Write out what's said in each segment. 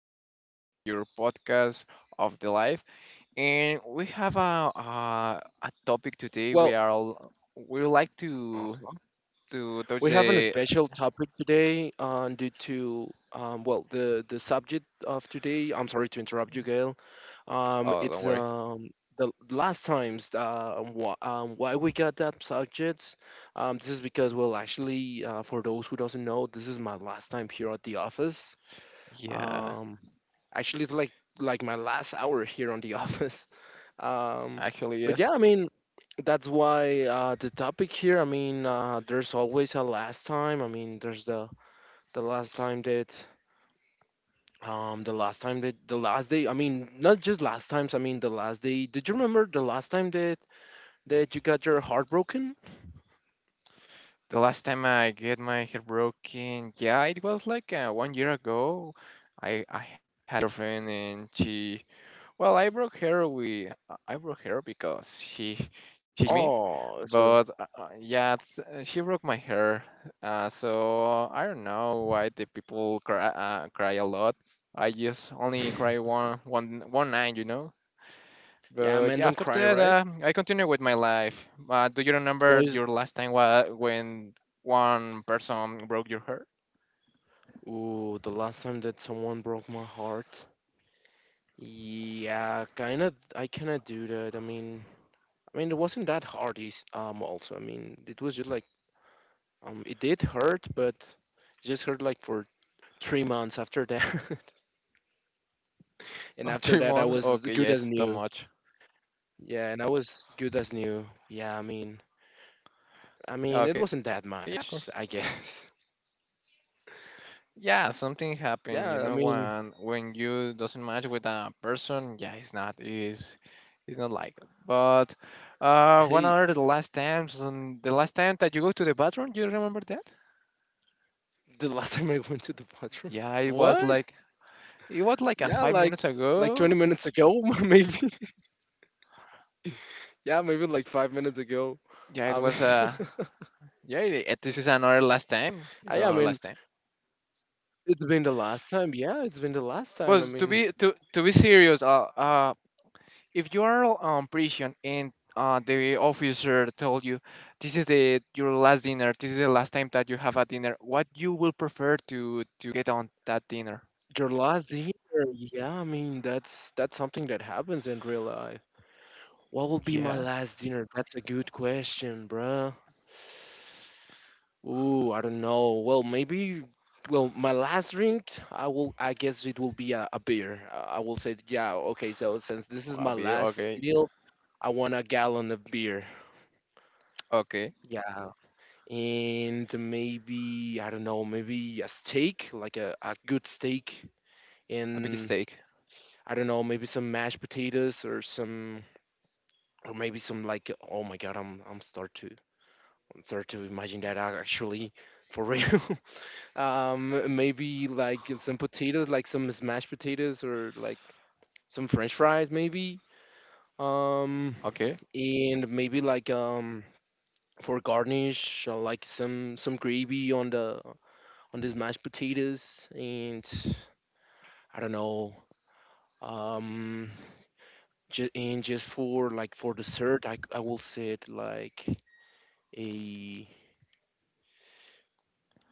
over here in your podcast of the life, and we have a topic today. We Well, are all, we would like to uh touch we have a the. special topic today due to well the subject of today. I'm sorry to interrupt you, Gail. Oh, don't It's worry. The last times why we got that subject. This is because for those who doesn't know, this is my last time here at the office. Yeah, Um, actually, it's like my last hour here on the office. Um, actually, but yeah, yes. That's why the topic here. There's always a last time. I mean, there's the last time that the last time that the last day. Not just last times. I mean, the last day. Did you remember the last time that you got your heart broken? The last time I get my hair broken, yeah, it was like 1 year ago. I had a girlfriend and she, well, I broke her with I broke her because she teach me, Oh, so but yeah, it's, she broke my hair. So I don't know why the people cry cry a lot. I just only cry one night, you know. yeah, man, But don't yeah, after cry, right, that, I continue with my life. Do you boys? remember your last time when one person broke your hair? Ooh, the last time that someone broke my heart. Yeah, kinda. I cannot do that. It wasn't that hard. I mean, it was just like, it did hurt, but it just hurt like for 3 months after that. And Oh, after three that, I months? was Okay, yeah, good as it's too new. much. Yeah, and I was good as new. It wasn't Okay, that yeah, of much, course. I guess. Yeah, something happened, you Yeah, know, I mean, when you doesn't match with a person. Yeah, it's not is it's not like that. But one Hey, other the last times and the last time that you go to the bathroom, you remember that? the last time I went to the bathroom, Yeah, what? It was Yeah, like a like 5 minutes like 20 ago. minutes ago, maybe. Yeah, maybe like 5 minutes ago. Yeah, it I mean, was yeah this is another last time, it's I another mean, last time. It's been the last time. Yeah, it's been the last time. But I mean, to be serious, if you are on prison and the officer told you this is the your last dinner, this is the last time that you have a dinner, what you will prefer to get on that dinner? your last dinner, yeah, I mean that's something that happens in real life. What will be my Yeah, last dinner? That's a good question, bruh. Ooh, I don't know. Well, maybe. Well, my last drink, I will. I guess it will be a beer. I will say, yeah, okay. So since this is my a beer. last Okay, meal, I want a gallon of beer. okay, Yeah, and maybe I don't know, maybe a steak, like a good steak, a big and steak. I don't know, maybe some mashed potatoes or some or maybe some like oh my god, I'm start to imagine that actually for real. Maybe like some potatoes, like some smashed potatoes or like some french fries maybe. Um Okay, and maybe like for garnish like some gravy on the on these mashed potatoes and I don't know. Um and just for like for dessert, I will say it like a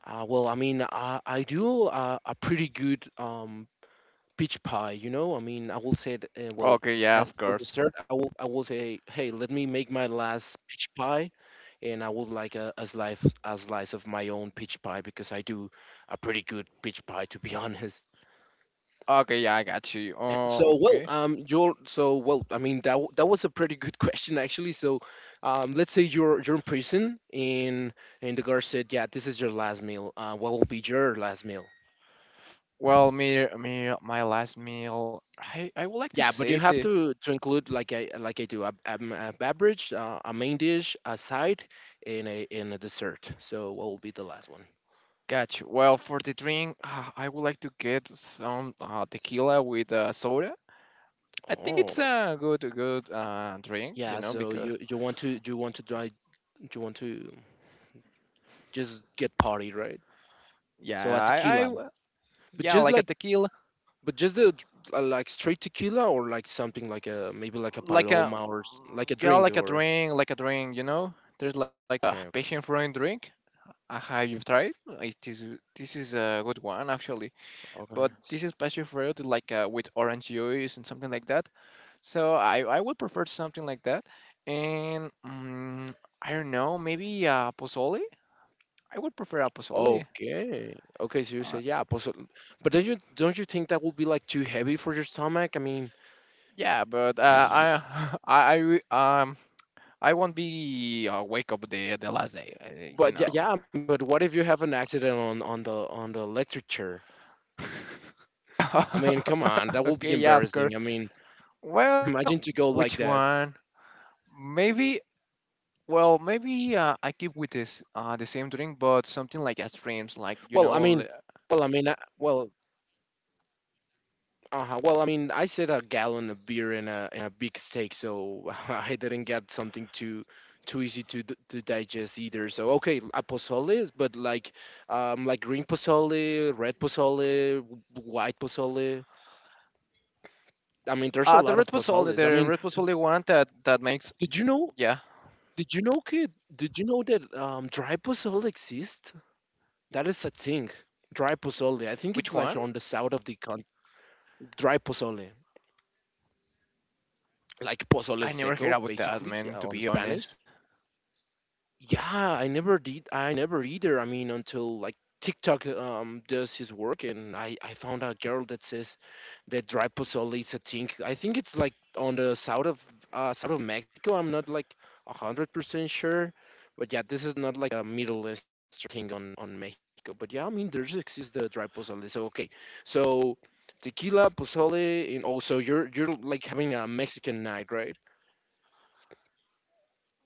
well, I mean, I do a pretty good peach pie. I mean, I will say it, well, okay, yeah, As of for course. dessert, I will say, hey, let me make my last peach pie, and I would like a slice of my own peach pie because I do a pretty good peach pie, to be honest. Okay, yeah, I got you. Oh, So well, okay, you're so well. That that was a pretty good question actually. Let's say you're in prison, and the guard said, "Yeah, this is your last meal. What will be your last meal?" well, me me my last meal I would like to Yeah, but you say have the. To include like I do a beverage, a main dish, a side, and a dessert. So what will be the last one? Got you, well, for the drink, I would like to get some tequila with soda. I think Oh, it's a good drink, you yeah. know, So because you you want to try you want to just get party, right? So yeah, a tequila. But yeah, just like a like tequila, But just the dr- Like straight tequila or like something like a maybe like a like a, paloma or like a yeah, drink or like a drink, you know. There's like a okay, passion fruit drink. Have you tried? It is this is a good one actually, okay but s- this is passion fruit like with orange juice and something like that. So I would prefer something like that, and I don't know, maybe pozole. I would prefer a pozole. okay, so you say, Uh, yeah, but don't you think that would be like too heavy for your stomach? I mean, Yeah, but uh, I, I, I, re- um, I won't be wake up the last day. But yeah, You know. yeah But what if you have an accident on on the electric chair? I mean, come on, that would be Okay. Yeah. Of embarrassing. I course. mean, Well, imagine to go like that. which one? Maybe. Well, maybe I keep with this the same drink, but something like a streams, like you know, Well, I mean, well, I mean, I, well, Uh-huh. Well, I mean, I said a gallon of beer and a big steak, so I didn't get something too easy to to digest either. So okay, a pozole, but like green pozole, red pozole, white pozole. I mean, there's a lot of pozoles. The red have- pozole one that makes. did you know? Yeah. Did you know, kid? Did you know that dry pozole exists? That is a thing. Dry pozole. I think it's Which like one? on the south of the country. Dry pozole, like pozole I never seco, heard about that, basically man, on to be Spanish. honest. Yeah, I never did. I never either. I mean, until like TikTok does his work, and I found a girl that says that dry pozole is a thing. I think it's like on the south of Mexico. I'm not like 100% sure, but yeah, this is not like a Middle east thing on Mexico. But yeah, I mean, there's exists the dry pozole. So okay, so tequila pozole, and also you're like having a Mexican night, right?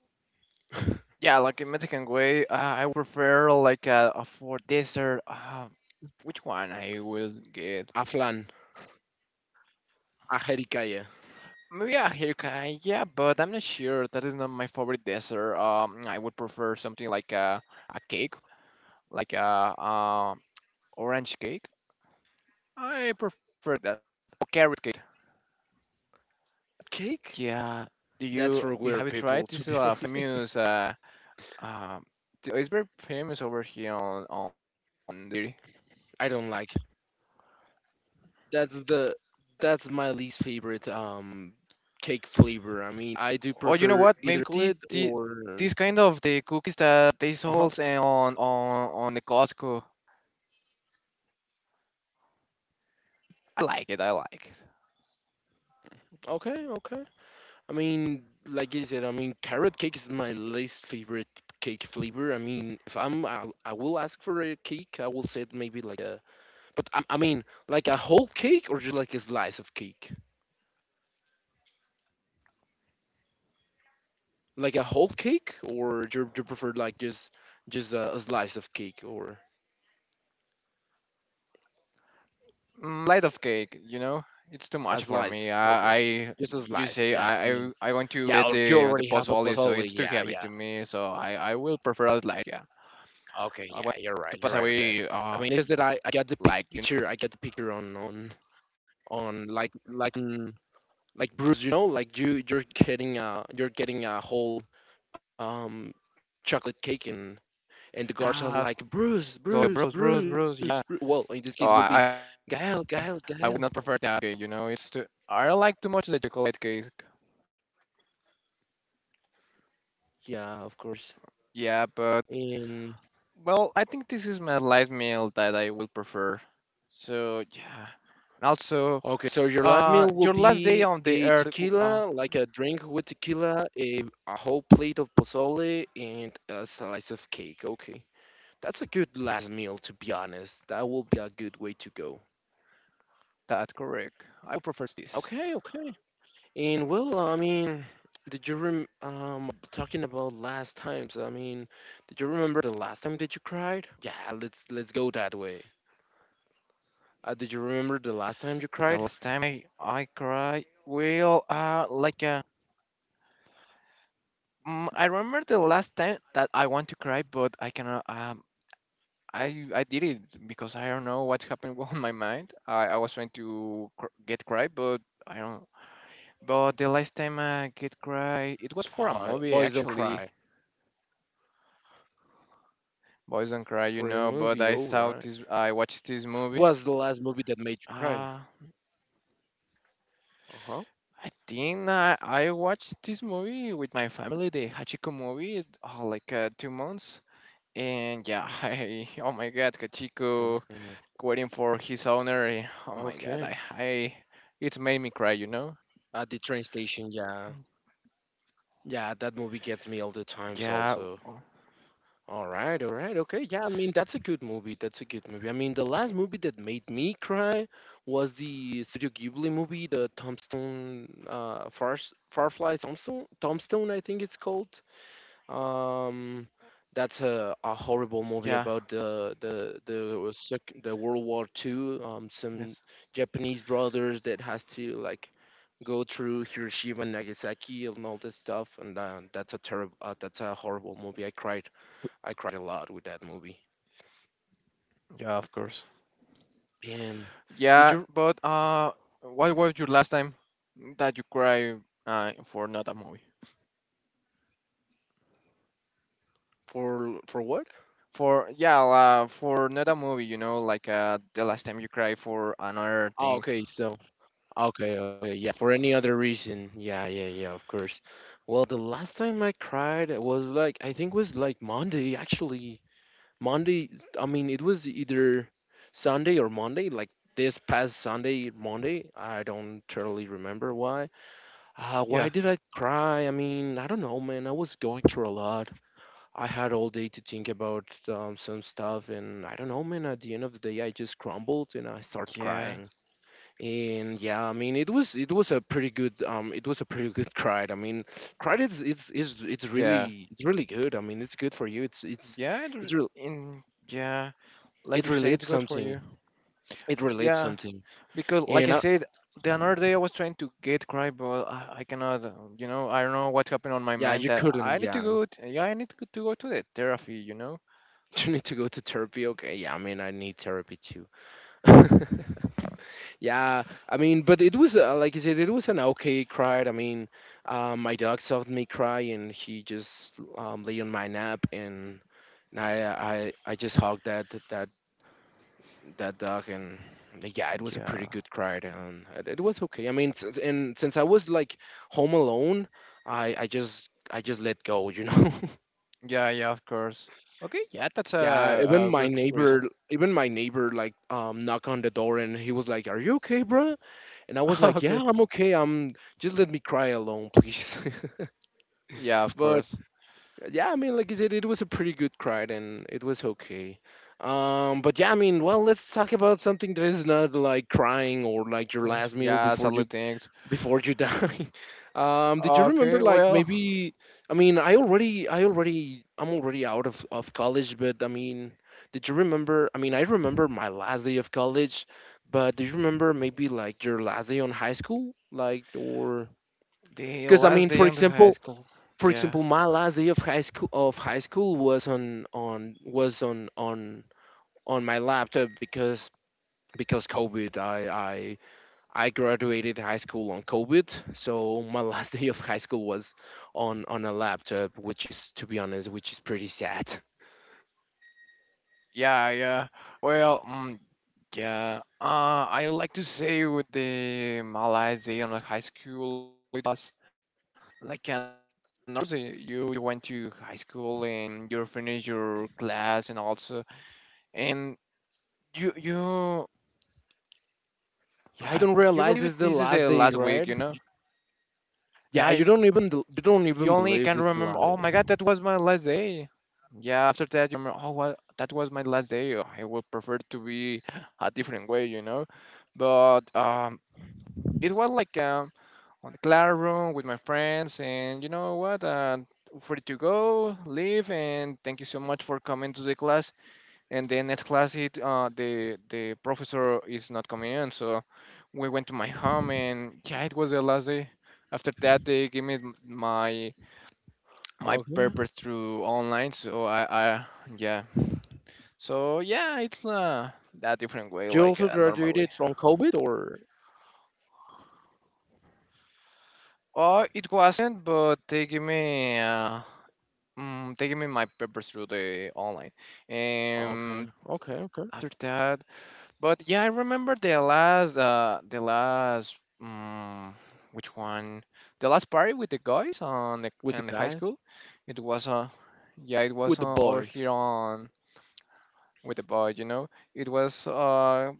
Yeah, like in Mexican way, I would prefer like for dessert. Which one I will get? Aflan, ajericaya, Maybe a hirka, yeah, but I'm not sure. That is not my favorite dessert. I would prefer something like a cake, like a orange cake. I prefer that. Or carrot cake. cake. Yeah. Do That's for weird you have it people, to tried? be honest. This is a famous. Uh, it's very famous over here on the city. I don't like. It. That's the that's my least favorite cake flavor. I mean, I do Oh, you prefer know what? either Maybe chocolate or this kind of the cookies that uh huh. they sold on the Costco. I like it. I like it. Okay, okay. I mean, like I said, I mean, carrot cake is my least favorite cake flavor. I mean, if I'm I will ask for a cake, I will say it maybe like a. But I mean, like a whole cake or just like a slice of cake. Like a whole cake, or do you prefer like just a slice of cake or? Mm, light of cake, you know, As it's too lies. much for Okay. me. Just as I lies. Yeah. you I say mean, I yeah, want to you get already have a the puzzle puzzle. only, so Yeah, it's too yeah. heavy to me. So I will prefer out light. Yeah, Okay, yeah, you're right. You're I right want to on that. pass away. It's just that Uh, I got the like picture. you I got know, the picture on like Bruce. You know, like you're getting a whole um chocolate cake and the guards are like ah, Bruce, go Bruce, bros, Bruce, bros, Bruce. bros. Yeah. Well, in this case will be Oh, Gael, Gael, I would Gael. not prefer that. Cake, you know, it's too. I like too much the chocolate cake. Yeah, of course. Yeah, but And well, I think this is my light meal that I will prefer. So yeah, and also. okay, so your last Your meal last will day on the be earth. a tequila, like a drink with tequila, a, a whole plate of pozole, and a slice of cake. Okay, that's a good last meal, to be honest. That will be a good way to go. That's correct. I prefer this. Okay, okay. And well, I mean, did you rem talking about last times? I mean, did you remember the last time that you cried? Yeah, let's go that way. Did you remember the last time you The cried? last time I cried, well, I remember the last time that I want to cry, but I cannot. I did it because I don't know what happened on my mind. I was trying to get cry, but I don't. But the last time I get cry, it was for a Oh, movie boys don't actually. cry Boys don't cry, for a you know. movie, But I all saw right. this. I watched this movie. Was the last movie that made you cry? Uh Uh huh. I think I watched this movie with my family, the Hachiko movie, 2 months. And yeah, I, oh my god, Hachiko Mhm. waiting for his owner. Eh, oh my god, Okay. I it made me cry, you know? At the train station, yeah. Yeah, that movie gets me all the times Yeah, also. w- All right, okay. Yeah, I mean, that's a good movie. That's a good movie. I mean, the last movie that made me cry was the Studio Ghibli movie, the Tombstone, Far Farfly Tombstone, Tombstone, I think it's called. Um, that's a horrible movie yeah, about the World War Two. Some yes, Japanese brothers that has to like go through Hiroshima and Nagasaki and all this stuff. And that's a terrible, that's a horrible movie. I cried a lot with that movie. yeah, of course. And did you Yeah, but what was your last time that you cry for not a movie? For what? For yeah, for not a movie, you know, like the last time you cry for another Oh, thing. okay, so okay, okay, yeah, for any other reason, yeah, yeah, yeah, yeah, of course. Well, the last time I cried it was like I think was like Monday actually. Monday, I mean, it was either Sunday or Monday, like this past Sunday, Monday. I don't totally remember why. Yeah. Why did I cry? I mean, I don't know, man. I was going through a lot. I had all day to think about some stuff, and I don't know, man. At the end of the day, I just crumbled and I started Yeah, crying. And yeah, I mean, it was a pretty good it was a pretty good cry. I mean, cried is yeah, it's really good. I mean, it's good for you. Yeah. It, r- it's really in yeah, like it you say, it's relieves good for something. you. It relieves Yeah, something. because like And I I, said, the another day I was trying to get cry, but I cannot. You know, I don't know what's happened on my yeah, mind you that couldn't. I need to Yeah, go. To, yeah, I need to go to the therapy. You know. you need to go to therapy. Okay. Yeah, I mean, I need therapy too. Yeah, I mean, but it was like I said, it was an okay cry. I mean, my dog saw me cry, and he just lay on my nap, and I just hugged that dog. And yeah, it was a pretty Yeah. good ride, and it was okay. I mean since I was like home alone, I just let go. Yeah, yeah, of course. Okay, yeah, that's Yeah, even a my good reason. neighbor, even my neighbor like knock on the door, and he was like, are you okay, bro? And I was like, yeah, Okay. I'm okay I'm just let me cry alone, please. Yeah, of But course. yeah, I mean, like I said, it was a pretty good crowd and it was okay. But yeah, I mean, well, let's talk about something that is not like crying or like your Others- last meal Yeah, before you solid things. before you die. Did you remember Okay, like well, maybe? I mean, I'm already out of college, but I mean, did you remember? I mean, I remember my last day of college, but do you remember maybe like your last day on high school, like or? the Because I last mean, day for in the high example, school. for Yeah. example, my last day of high school was on on my laptop because COVID. I graduated high school on COVID, so my last day of high school was on a laptop, which is to be honest, which is pretty sad. Yeah, yeah. Well, yeah. I like to say with the Malaysian high school with us, like and also you went to high school and you finished your class and also and you Yeah, you believe you it, don't this is the realize it's last the week, you last know? day, right? Yeah, you, Yeah, you you don't only even can believe remember. it's Oh the my last God, day. that was my last day. Yeah, after that you remember. Oh, well, that was my last day. Oh, I would prefer to be a different way, you know? But it was like on the classroom with my friends, and you know what? Free to go, leave, and thank you so much for coming to the class. And then next class, it the professor is not coming in, so we went to my home, and yeah, it was the last day. After that, they gave me my my Okay. paper through online, so I yeah, so yeah, it's that different way, You like also a normal way. graduated from COVID, or It wasn't, but they give me they give me my papers through the online. okay, And okay, okay, after that, but yeah, I remember the last which one? The last party with the guys on the with the in the high guys, school. It was yeah, it with the was over boys. here on with the boy, you know. It was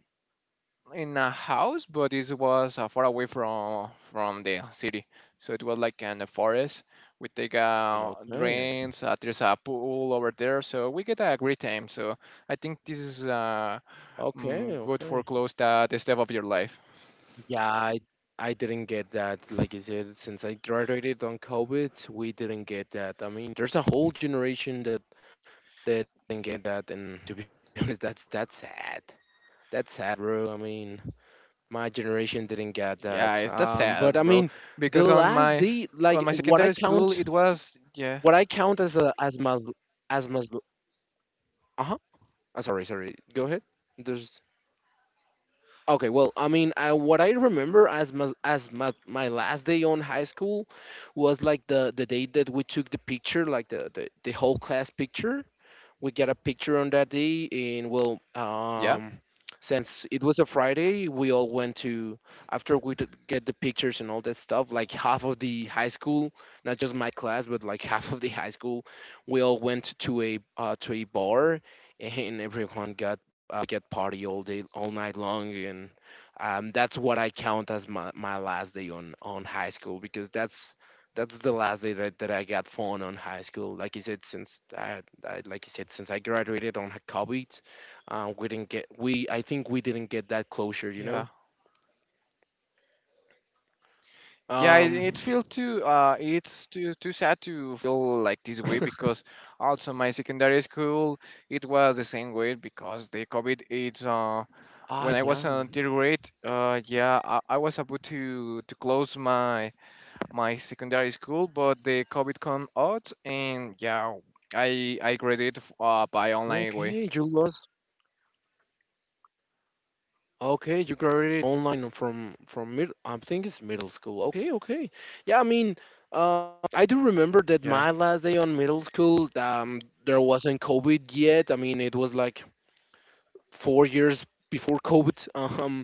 in a house, but it was far away from the city. So it was like in the forest. We take Okay. drains. There's a pool over there, so we get a great time. So I think this is Okay, good okay. for close that the step of your life. Yeah, I didn't get that. Like I said, since I graduated on COVID, we didn't get that. I mean, there's a whole generation that didn't get that, and to be honest, that's sad. That's sad, bro. I mean, my generation didn't get that. Yeah, it's that's But I mean, sad, bro. the Because last day, like on my what I secondary count, school, it was what I yeah, count as a as mas. Uh huh. Sorry. Go ahead. There's Okay, well, I mean, what I remember as my last day on high school was like the day that we took the picture, like the whole class picture. We got a picture on that day, and well, yeah, since it was a Friday, we all went to after we did get the pictures and all that stuff. Like half of the high school, not just my class, but like half of the high school, we all went to a bar, and everyone got get party all day, all night long. And that's what I count as my last day on high school because that's the last day that I got phone on high school. Like you said, since I like you said, since I graduated on COVID, we didn't get we. I think we didn't get that closure, you know. yeah. Yeah, Um. it feel too. It's too sad to feel like this way because also my secondary school it was the same way because the COVID. It's Ah, when I was yeah. on third grade. Yeah, I was about to close my my secondary school, but the COVID come out and yeah, I graduated by online way. Okay, you lost. Okay, you graduated online from mid. I think it's middle school. Okay, okay. Yeah, I mean, uh, I do remember that my Yeah, last day on middle school, there wasn't COVID yet. I mean, it was like 4 years before COVID. Um,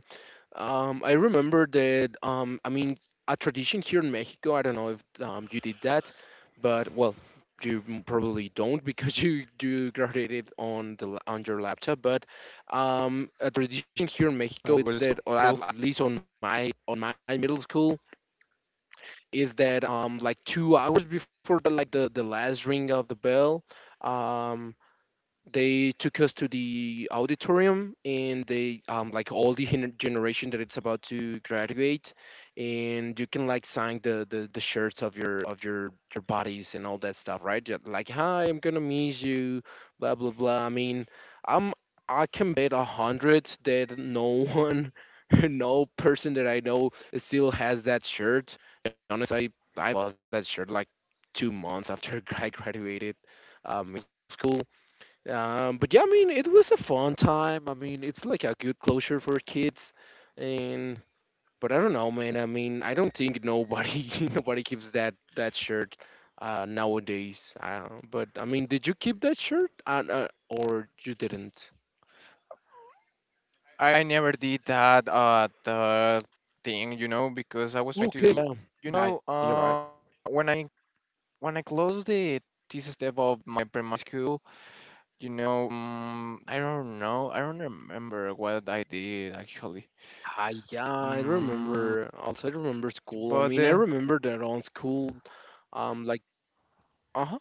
I remember that. I mean, a tradition here in Mexico. I don't know if you did that, but well, you m- probably don't because you do graduated on the la- on your laptop. But a tradition here in Mexico I is grade that, or school. At least on my middle school, is that like 2 hours before the, like the last ring of the bell. Um, they took us to the auditorium, and they like all the generation that it's about to graduate, and you can like sign the shirts of your your bodies and all that stuff, right? You're like, hi, I'm gonna miss you, blah blah blah. I mean, I'm I can bet a hundred that no one, no person that I know still has that shirt. To be honest, I bought that shirt like 2 months after I graduated middle school. But yeah, I mean, it was a fun time. I mean, it's like a good closure for kids. And but I don't know, man. I mean, I don't think nobody nobody keeps that shirt nowadays. I don't, but I mean, did you keep that shirt or you didn't? I never did that the thing, you know, because I was trying to. Okay, yeah, You know, yeah, you're right. when I when I closed the thesis step of my primary school, you know, I don't know, I don't remember what I did actually. I Yeah, I Um, remember. Also, I remember school. I but mean, I remember that on school, like uh huh,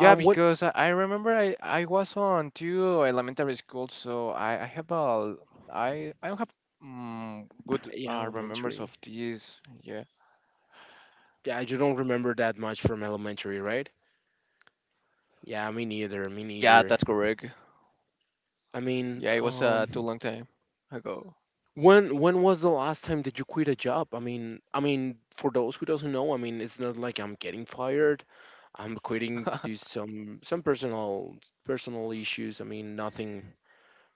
yeah, when because I remember I was on two elementary schools, so I have a I don't have good yeah, remembers of elementary. these. Yeah, Yeah, you don't remember that much from elementary, right? Yeah, me neither. Me yeah, neither. that's correct. I mean, Yeah, it was too long time ago. when was the last time did you quit a job? I mean, for those who doesn't know, I mean, it's not like I'm getting fired. I'm quitting due some personal issues. I mean,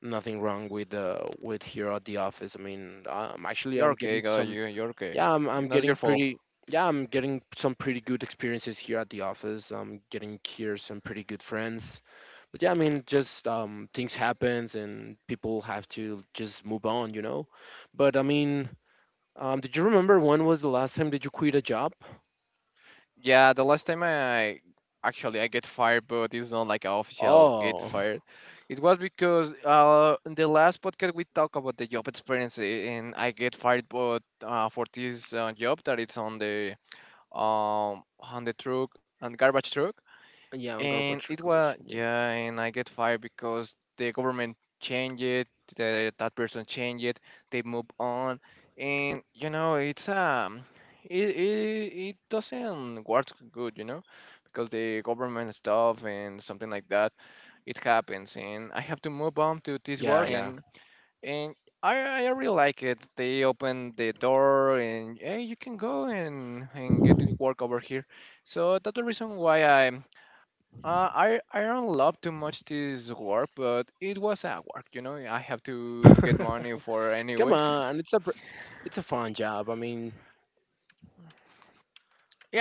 nothing wrong with here at the office. I mean, You're actually, I'm okay, getting girl. You some. you're okay. Yeah, It's I'm not your getting fault. pretty yeah, I'm getting some pretty good experiences here at the office. I'm getting here some pretty good friends. But yeah, I mean, just things happens and people have to just move on, you know. But I mean, did you remember when was the last time did you quit a job? Yeah, the last time I actually I get fired, but it's not like an official get Oh, fired. It was because in the last podcast we talked about the job experience and I get fired, but for this job that it's on the truck and garbage truck. yeah, on And garbage it was, collection. yeah, and I get fired because the government changed it, that person changed it, they move on. And you know, it's it doesn't work good, you know, because the government stuff and something like that. It happens and I have to move on to this Yeah. work. Yeah, yeah. And and I really like it. They open the door and hey, you can go and get to work over here. So that's the reason why I, I don't love too much this work, but it was a work, you know. I have to get money for Come anyway. on, it's a fun job.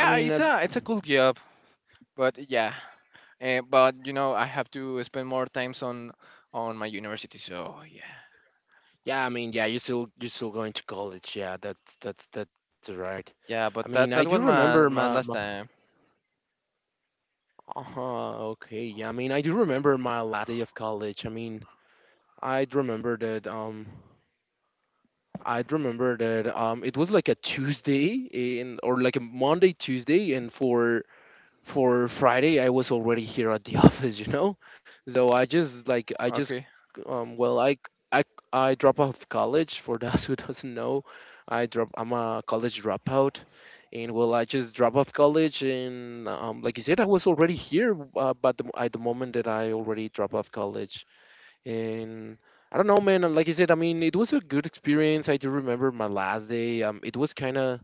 I mean at it's a cool job, but yeah, but you know I have to spend more times on my university. So yeah, Yeah, I mean, yeah, you're still going to college. Yeah, that's right. I yeah. mean, I But do that was remember my my. Last time. Uh-huh, okay, yeah. I mean, I do remember my last day of college. I mean, I'd remember that. I'd remember that. It was like a Tuesday in or like a Monday, Tuesday, and for Friday, I was already here at the office, you know. So I just Okay. um well I I I drop out of college for those who doesn't know. I'm a college dropout, and well, I just drop off college. And like you said, I was already here, but at the moment that I already drop off college and. I don't know, man. Like you said, I mean, it was a good experience. I do remember my last day. It was kind of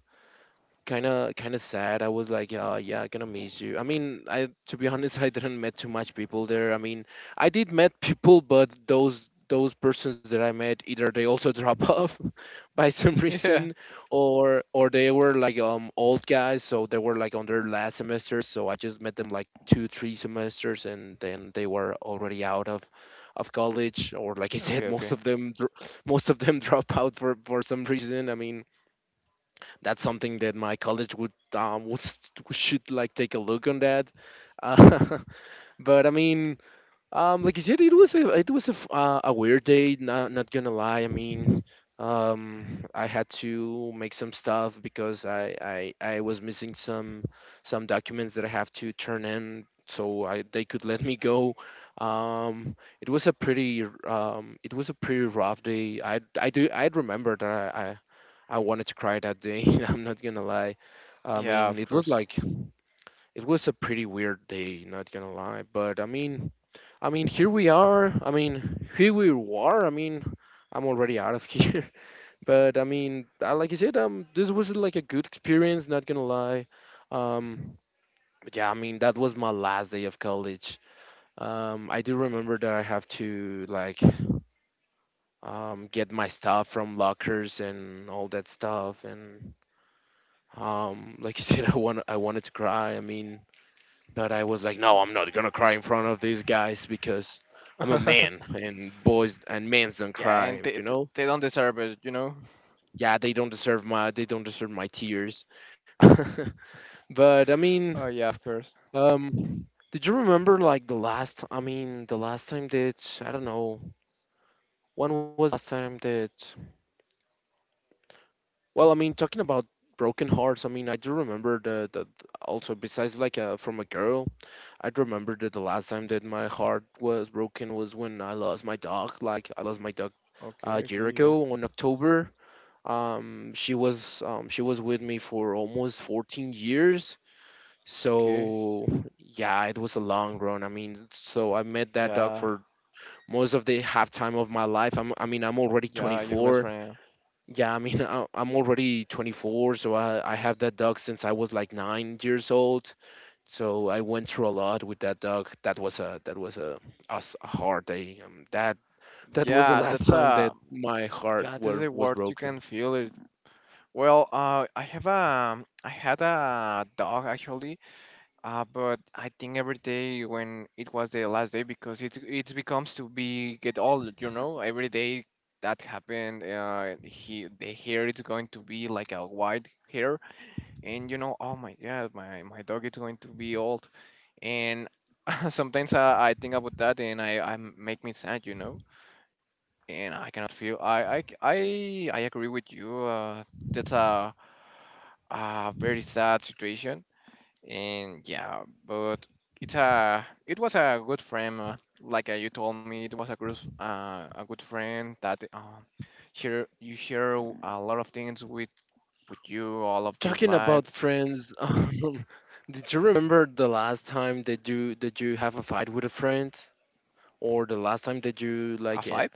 kind of kind of sad. I was like, yeah, yeah, I'm gonna miss you. I mean, I to be honest, I didn't met too much people there. I mean, I did met people, but those persons that I met, either they also drop off by some Yeah. reason, or they were like old guys, so they were like on their last semester. So I just met them like two, three semesters, and then they were already out of college, or like I Okay. said, Okay. most of them drop out for some reason. I mean, that's something that my college would should like take a look on that. uh, but I mean, like you said, it was a a weird day, not, not gonna lie. I mean, I had to make some stuff because I was missing some documents that I have to turn in, so they could let me go. It was a pretty it was a pretty rough day. I remember that I wanted to cry that day. I'm not gonna lie. I Yeah. mean, Of course. It was a pretty weird day, not gonna lie. But I mean, here we are. I mean, here we are. I mean, I'm already out of here. But I mean, like I said, this was like a good experience, not gonna lie. Um, but yeah, I mean, that was my last day of college. I do remember that I have to like get my stuff from lockers and all that stuff. And like you said, I wanted to cry. I mean, but I was like, no, I'm not gonna cry in front of these guys, because I'm a man, and boys and men don't Yeah, cry, and they you they know. they don't deserve it, you know. Yeah, they don't deserve my they don't deserve my tears. But I mean, Oh yeah, of course. um, did you remember like the last? I mean, the last time that I don't know when was the last time that. Well, I mean, talking about broken hearts. I mean, I do remember the also besides like from a girl. I remember that the last time that my heart was broken was when I lost my dog. Like I lost my dog Okay. a Okay. year Yeah. ago on October. She was she was with me for almost 14 years. Okay. So yeah, it was a long run. I mean, so I met that dog Yeah. for most of the half time of my life. I mean, I'm already Yeah. Your best 24. friend. Yeah, I mean, I'm already 24, so I have that dog since I was like 9 years old. So I went through a lot with that dog. That was a s- a hard day. That was the Yeah, last that's time a, that yeah, this is a was word, you broken. can feel it. Well, I have a I had a dog actually, but I think every day when it was the last day, because it becomes to be get old, you know. Every day that happened, he the hair is going to be like a white hair, and you know, oh my God, my dog is going to be old, and sometimes I think about that and I make me sad, you know, and I cannot feel. I agree with you. That's a very sad situation, and yeah, but it's a it was a good friend. Like you told me, it was a good, a good friend that share, you share a lot of things with you all of your Talking life. about friends, did you remember the last time that you have a fight with a friend, or the last time that you A like? five?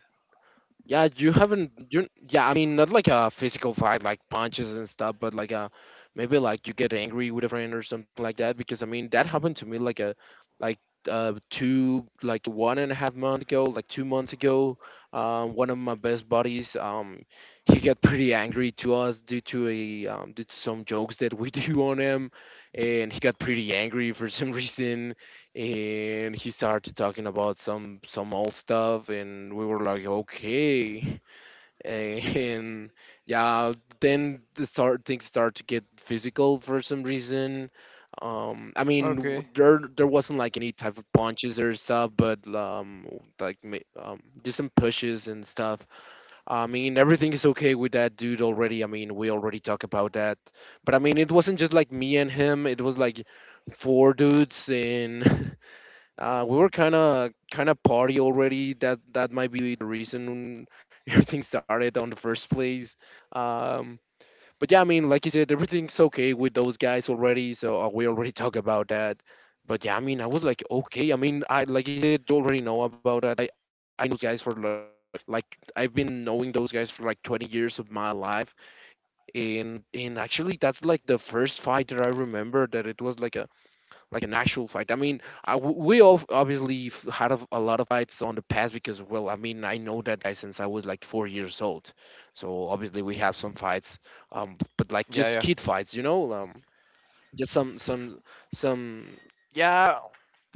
Yeah, you haven't. You Yeah, I mean, not like a physical fight, like punches and stuff, but like a maybe like you get angry with a friend or something like that. Because I mean, that happened to me like a like two like 1.5 months ago, like 2 months ago. One of my best buddies, he got pretty angry to us due to a due to some jokes that we do on him, and he got pretty angry for some reason, and he started talking about some old stuff, and we were like, okay. And yeah, then the start things start to get physical for some reason. I mean, Okay. There wasn't like any type of punches or stuff, but like just some pushes and stuff. I mean, everything is okay with that dude already. I mean, we already talked about that. But I mean, it wasn't just like me and him. It was like four dudes, and uh, we were kind of party already. That might be the reason everything started on the first place. Um, but yeah, I mean, like you said, everything's okay with those guys already. So we already talked about that. But yeah, I mean, I was like, okay. I mean, I like you said, you already know about that. I know those guys for like, like I've been knowing those guys for like 20 years of my life, and actually that's like the first fight that I remember that it was like an actual fight. I mean, we all obviously had a lot of fights on the past because, well, I mean, I know that guy since I was like 4 years old, so obviously we have some fights, but Yeah, like just kid fights, you know, just some yeah, yeah.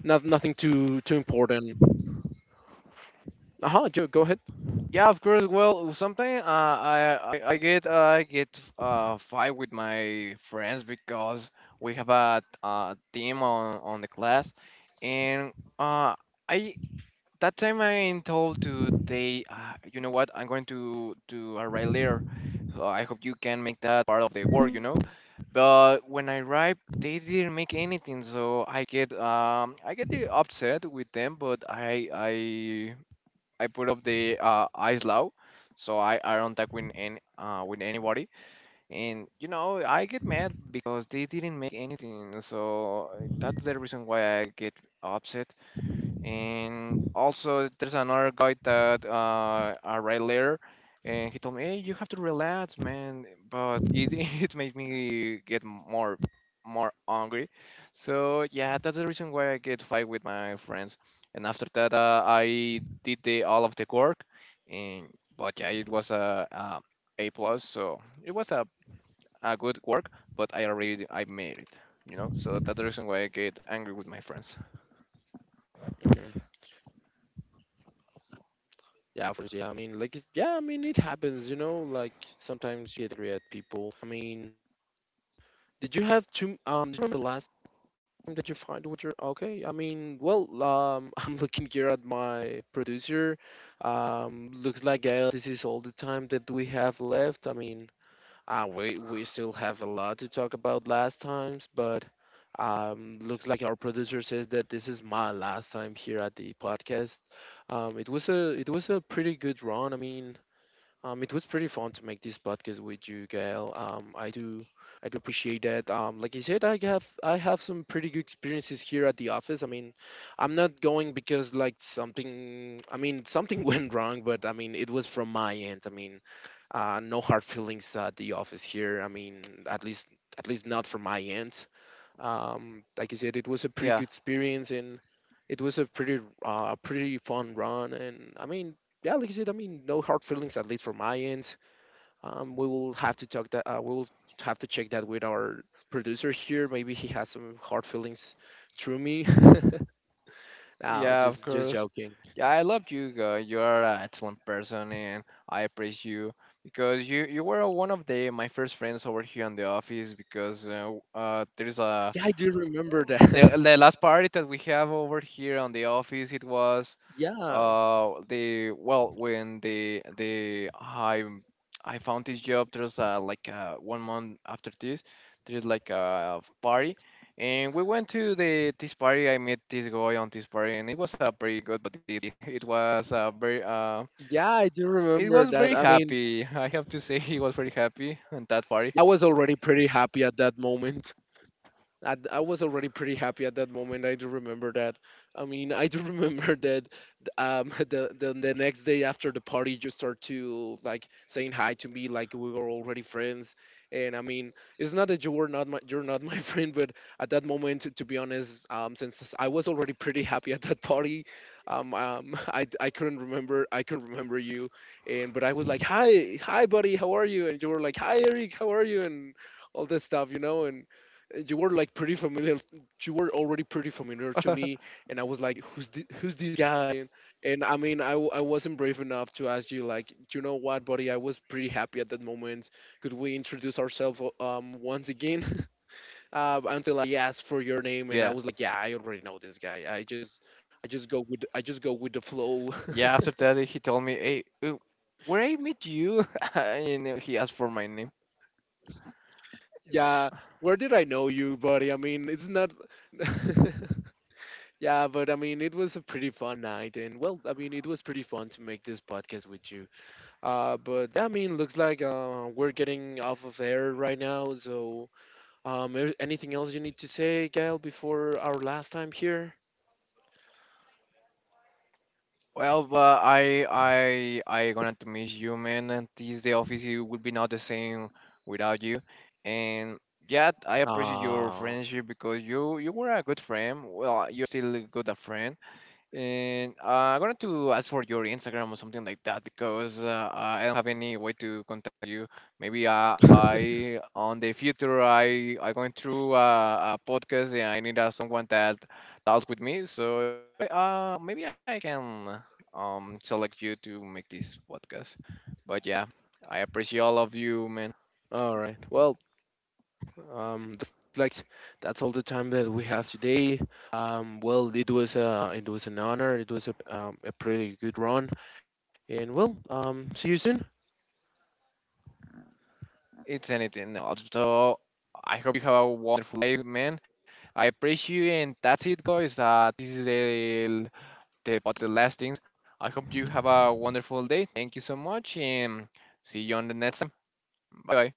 nothing too important. Uh huh. Joe, go ahead. Yeah, of course. Well, sometimes I, I get I get fight with my friends because we have a, team on the class, and uh I that time I'm told to they, you know what, I'm going to arrive later, so I hope you can make that part of the work, you know, but when I arrived they didn't make anything, so I get upset with them, but I put up the, ice low, so I don't talk with any, with anybody. And you know I get mad because they didn't make anything. So that's the reason why I get upset. And also, there's another guy that a later, and he told me, "Hey, you have to relax, man." But it it made me get more angry. So yeah, that's the reason why I get fight with my friends. And after that, I did the all of the work, and but yeah, it was a plus. So it was a good work, but I made it, you know. So that's the reason why I get angry with my friends. Mhm. Yeah, of course. Yeah, I mean, like, yeah, I mean, it happens, you know. Like sometimes you get angry at people. I mean, did you have two? Did you remember the last time that you find what you're okay? I mean, well, I'm looking here at my producer. Looks like this is all the time that we have left. I mean, we still have a lot to talk about last times, but looks like our producer says that this is my last time here at the podcast. It was a pretty good run. I mean. It was pretty fun to make this podcast with you, Gail. I do appreciate that. Like I said, I have some pretty good experiences here at the office. I mean, I'm not going because like something. I mean, something went wrong, but I mean, it was from my end. I mean, no hard feelings at the office here. I mean, at least at least not from my end. Like I said, it was a pretty good Yeah. experience, and it was a pretty pretty fun run. And I mean, yeah, like I said, I mean, no hard feelings at least from my end. We will have to talk that. We will have to check that with our producer here. Maybe he has some hard feelings through me. No, Yeah, of just course. joking. Yeah, I love you. You are an excellent person, and I appreciate you because you were one of the my first friends over here in the office. Because there's a Yeah, I do remember that. the last party that we have over here on the office. It was, Yeah, the well, when the I found this job, there's like 1 month after this, there's like a party, and we went to the this party. I met this guy on this party, and it was a pretty good, but it was, very yeah, I do it was remember very that. I mean, happy. I have to say, he was very happy on that party. I was already pretty happy at that moment. I was already pretty happy at that moment. I do remember that. I mean, I do remember that, the next day after the party, you start to like saying hi to me, like we were already friends. And I mean, it's not that you're not my friend, but at that moment, to be honest, since I was already pretty happy at that party, I couldn't remember, I couldn't remember you, and but I was like, hi, hi, buddy, how are you? And you were like, hi, Eric, how are you? And all this stuff, you know, and you were like pretty familiar you were already pretty familiar to me, and I was like, who's this guy? And I mean, I wasn't brave enough to ask you, like, you know what, buddy, I was pretty happy at that moment, could we introduce ourselves once again? Uh, until I asked for your name, Yeah, and I was like, yeah, I already know this guy, I just go with, I just go with the flow. yeah. After that, he told me, "Hey, where I meet you?" And he asked for my name. Yeah, where did I know you, buddy? I mean, it's not yeah, but I mean, it was a pretty fun night, and well, I mean, it was pretty fun to make this podcast with you. But yeah, I mean, looks like we're getting off of air right now. So, anything else you need to say, Gail, before our last time here? Well, but I gonna to miss you, man. And this the office, it would be not the same without you. And yeah, I appreciate your Ah, friendship because you were a good friend. Well, you're still a good a friend. And I'm going to ask for your Instagram or something like that because I don't have any way to contact you. Maybe I on the future I going through a podcast and I need, someone that talks with me. So I- maybe I can select you to make this podcast. But yeah, I appreciate all of you, man. all right. Well, looks like that's all the time that we have today. Well, it was an honor. It was a pretty good run, and well, see you soon. It's anything else. So I hope you have a wonderful day, man. I appreciate you, and that's it, guys. This is the the last things. I hope you have a wonderful day. Thank you so much, and see you on the next time. Bye bye.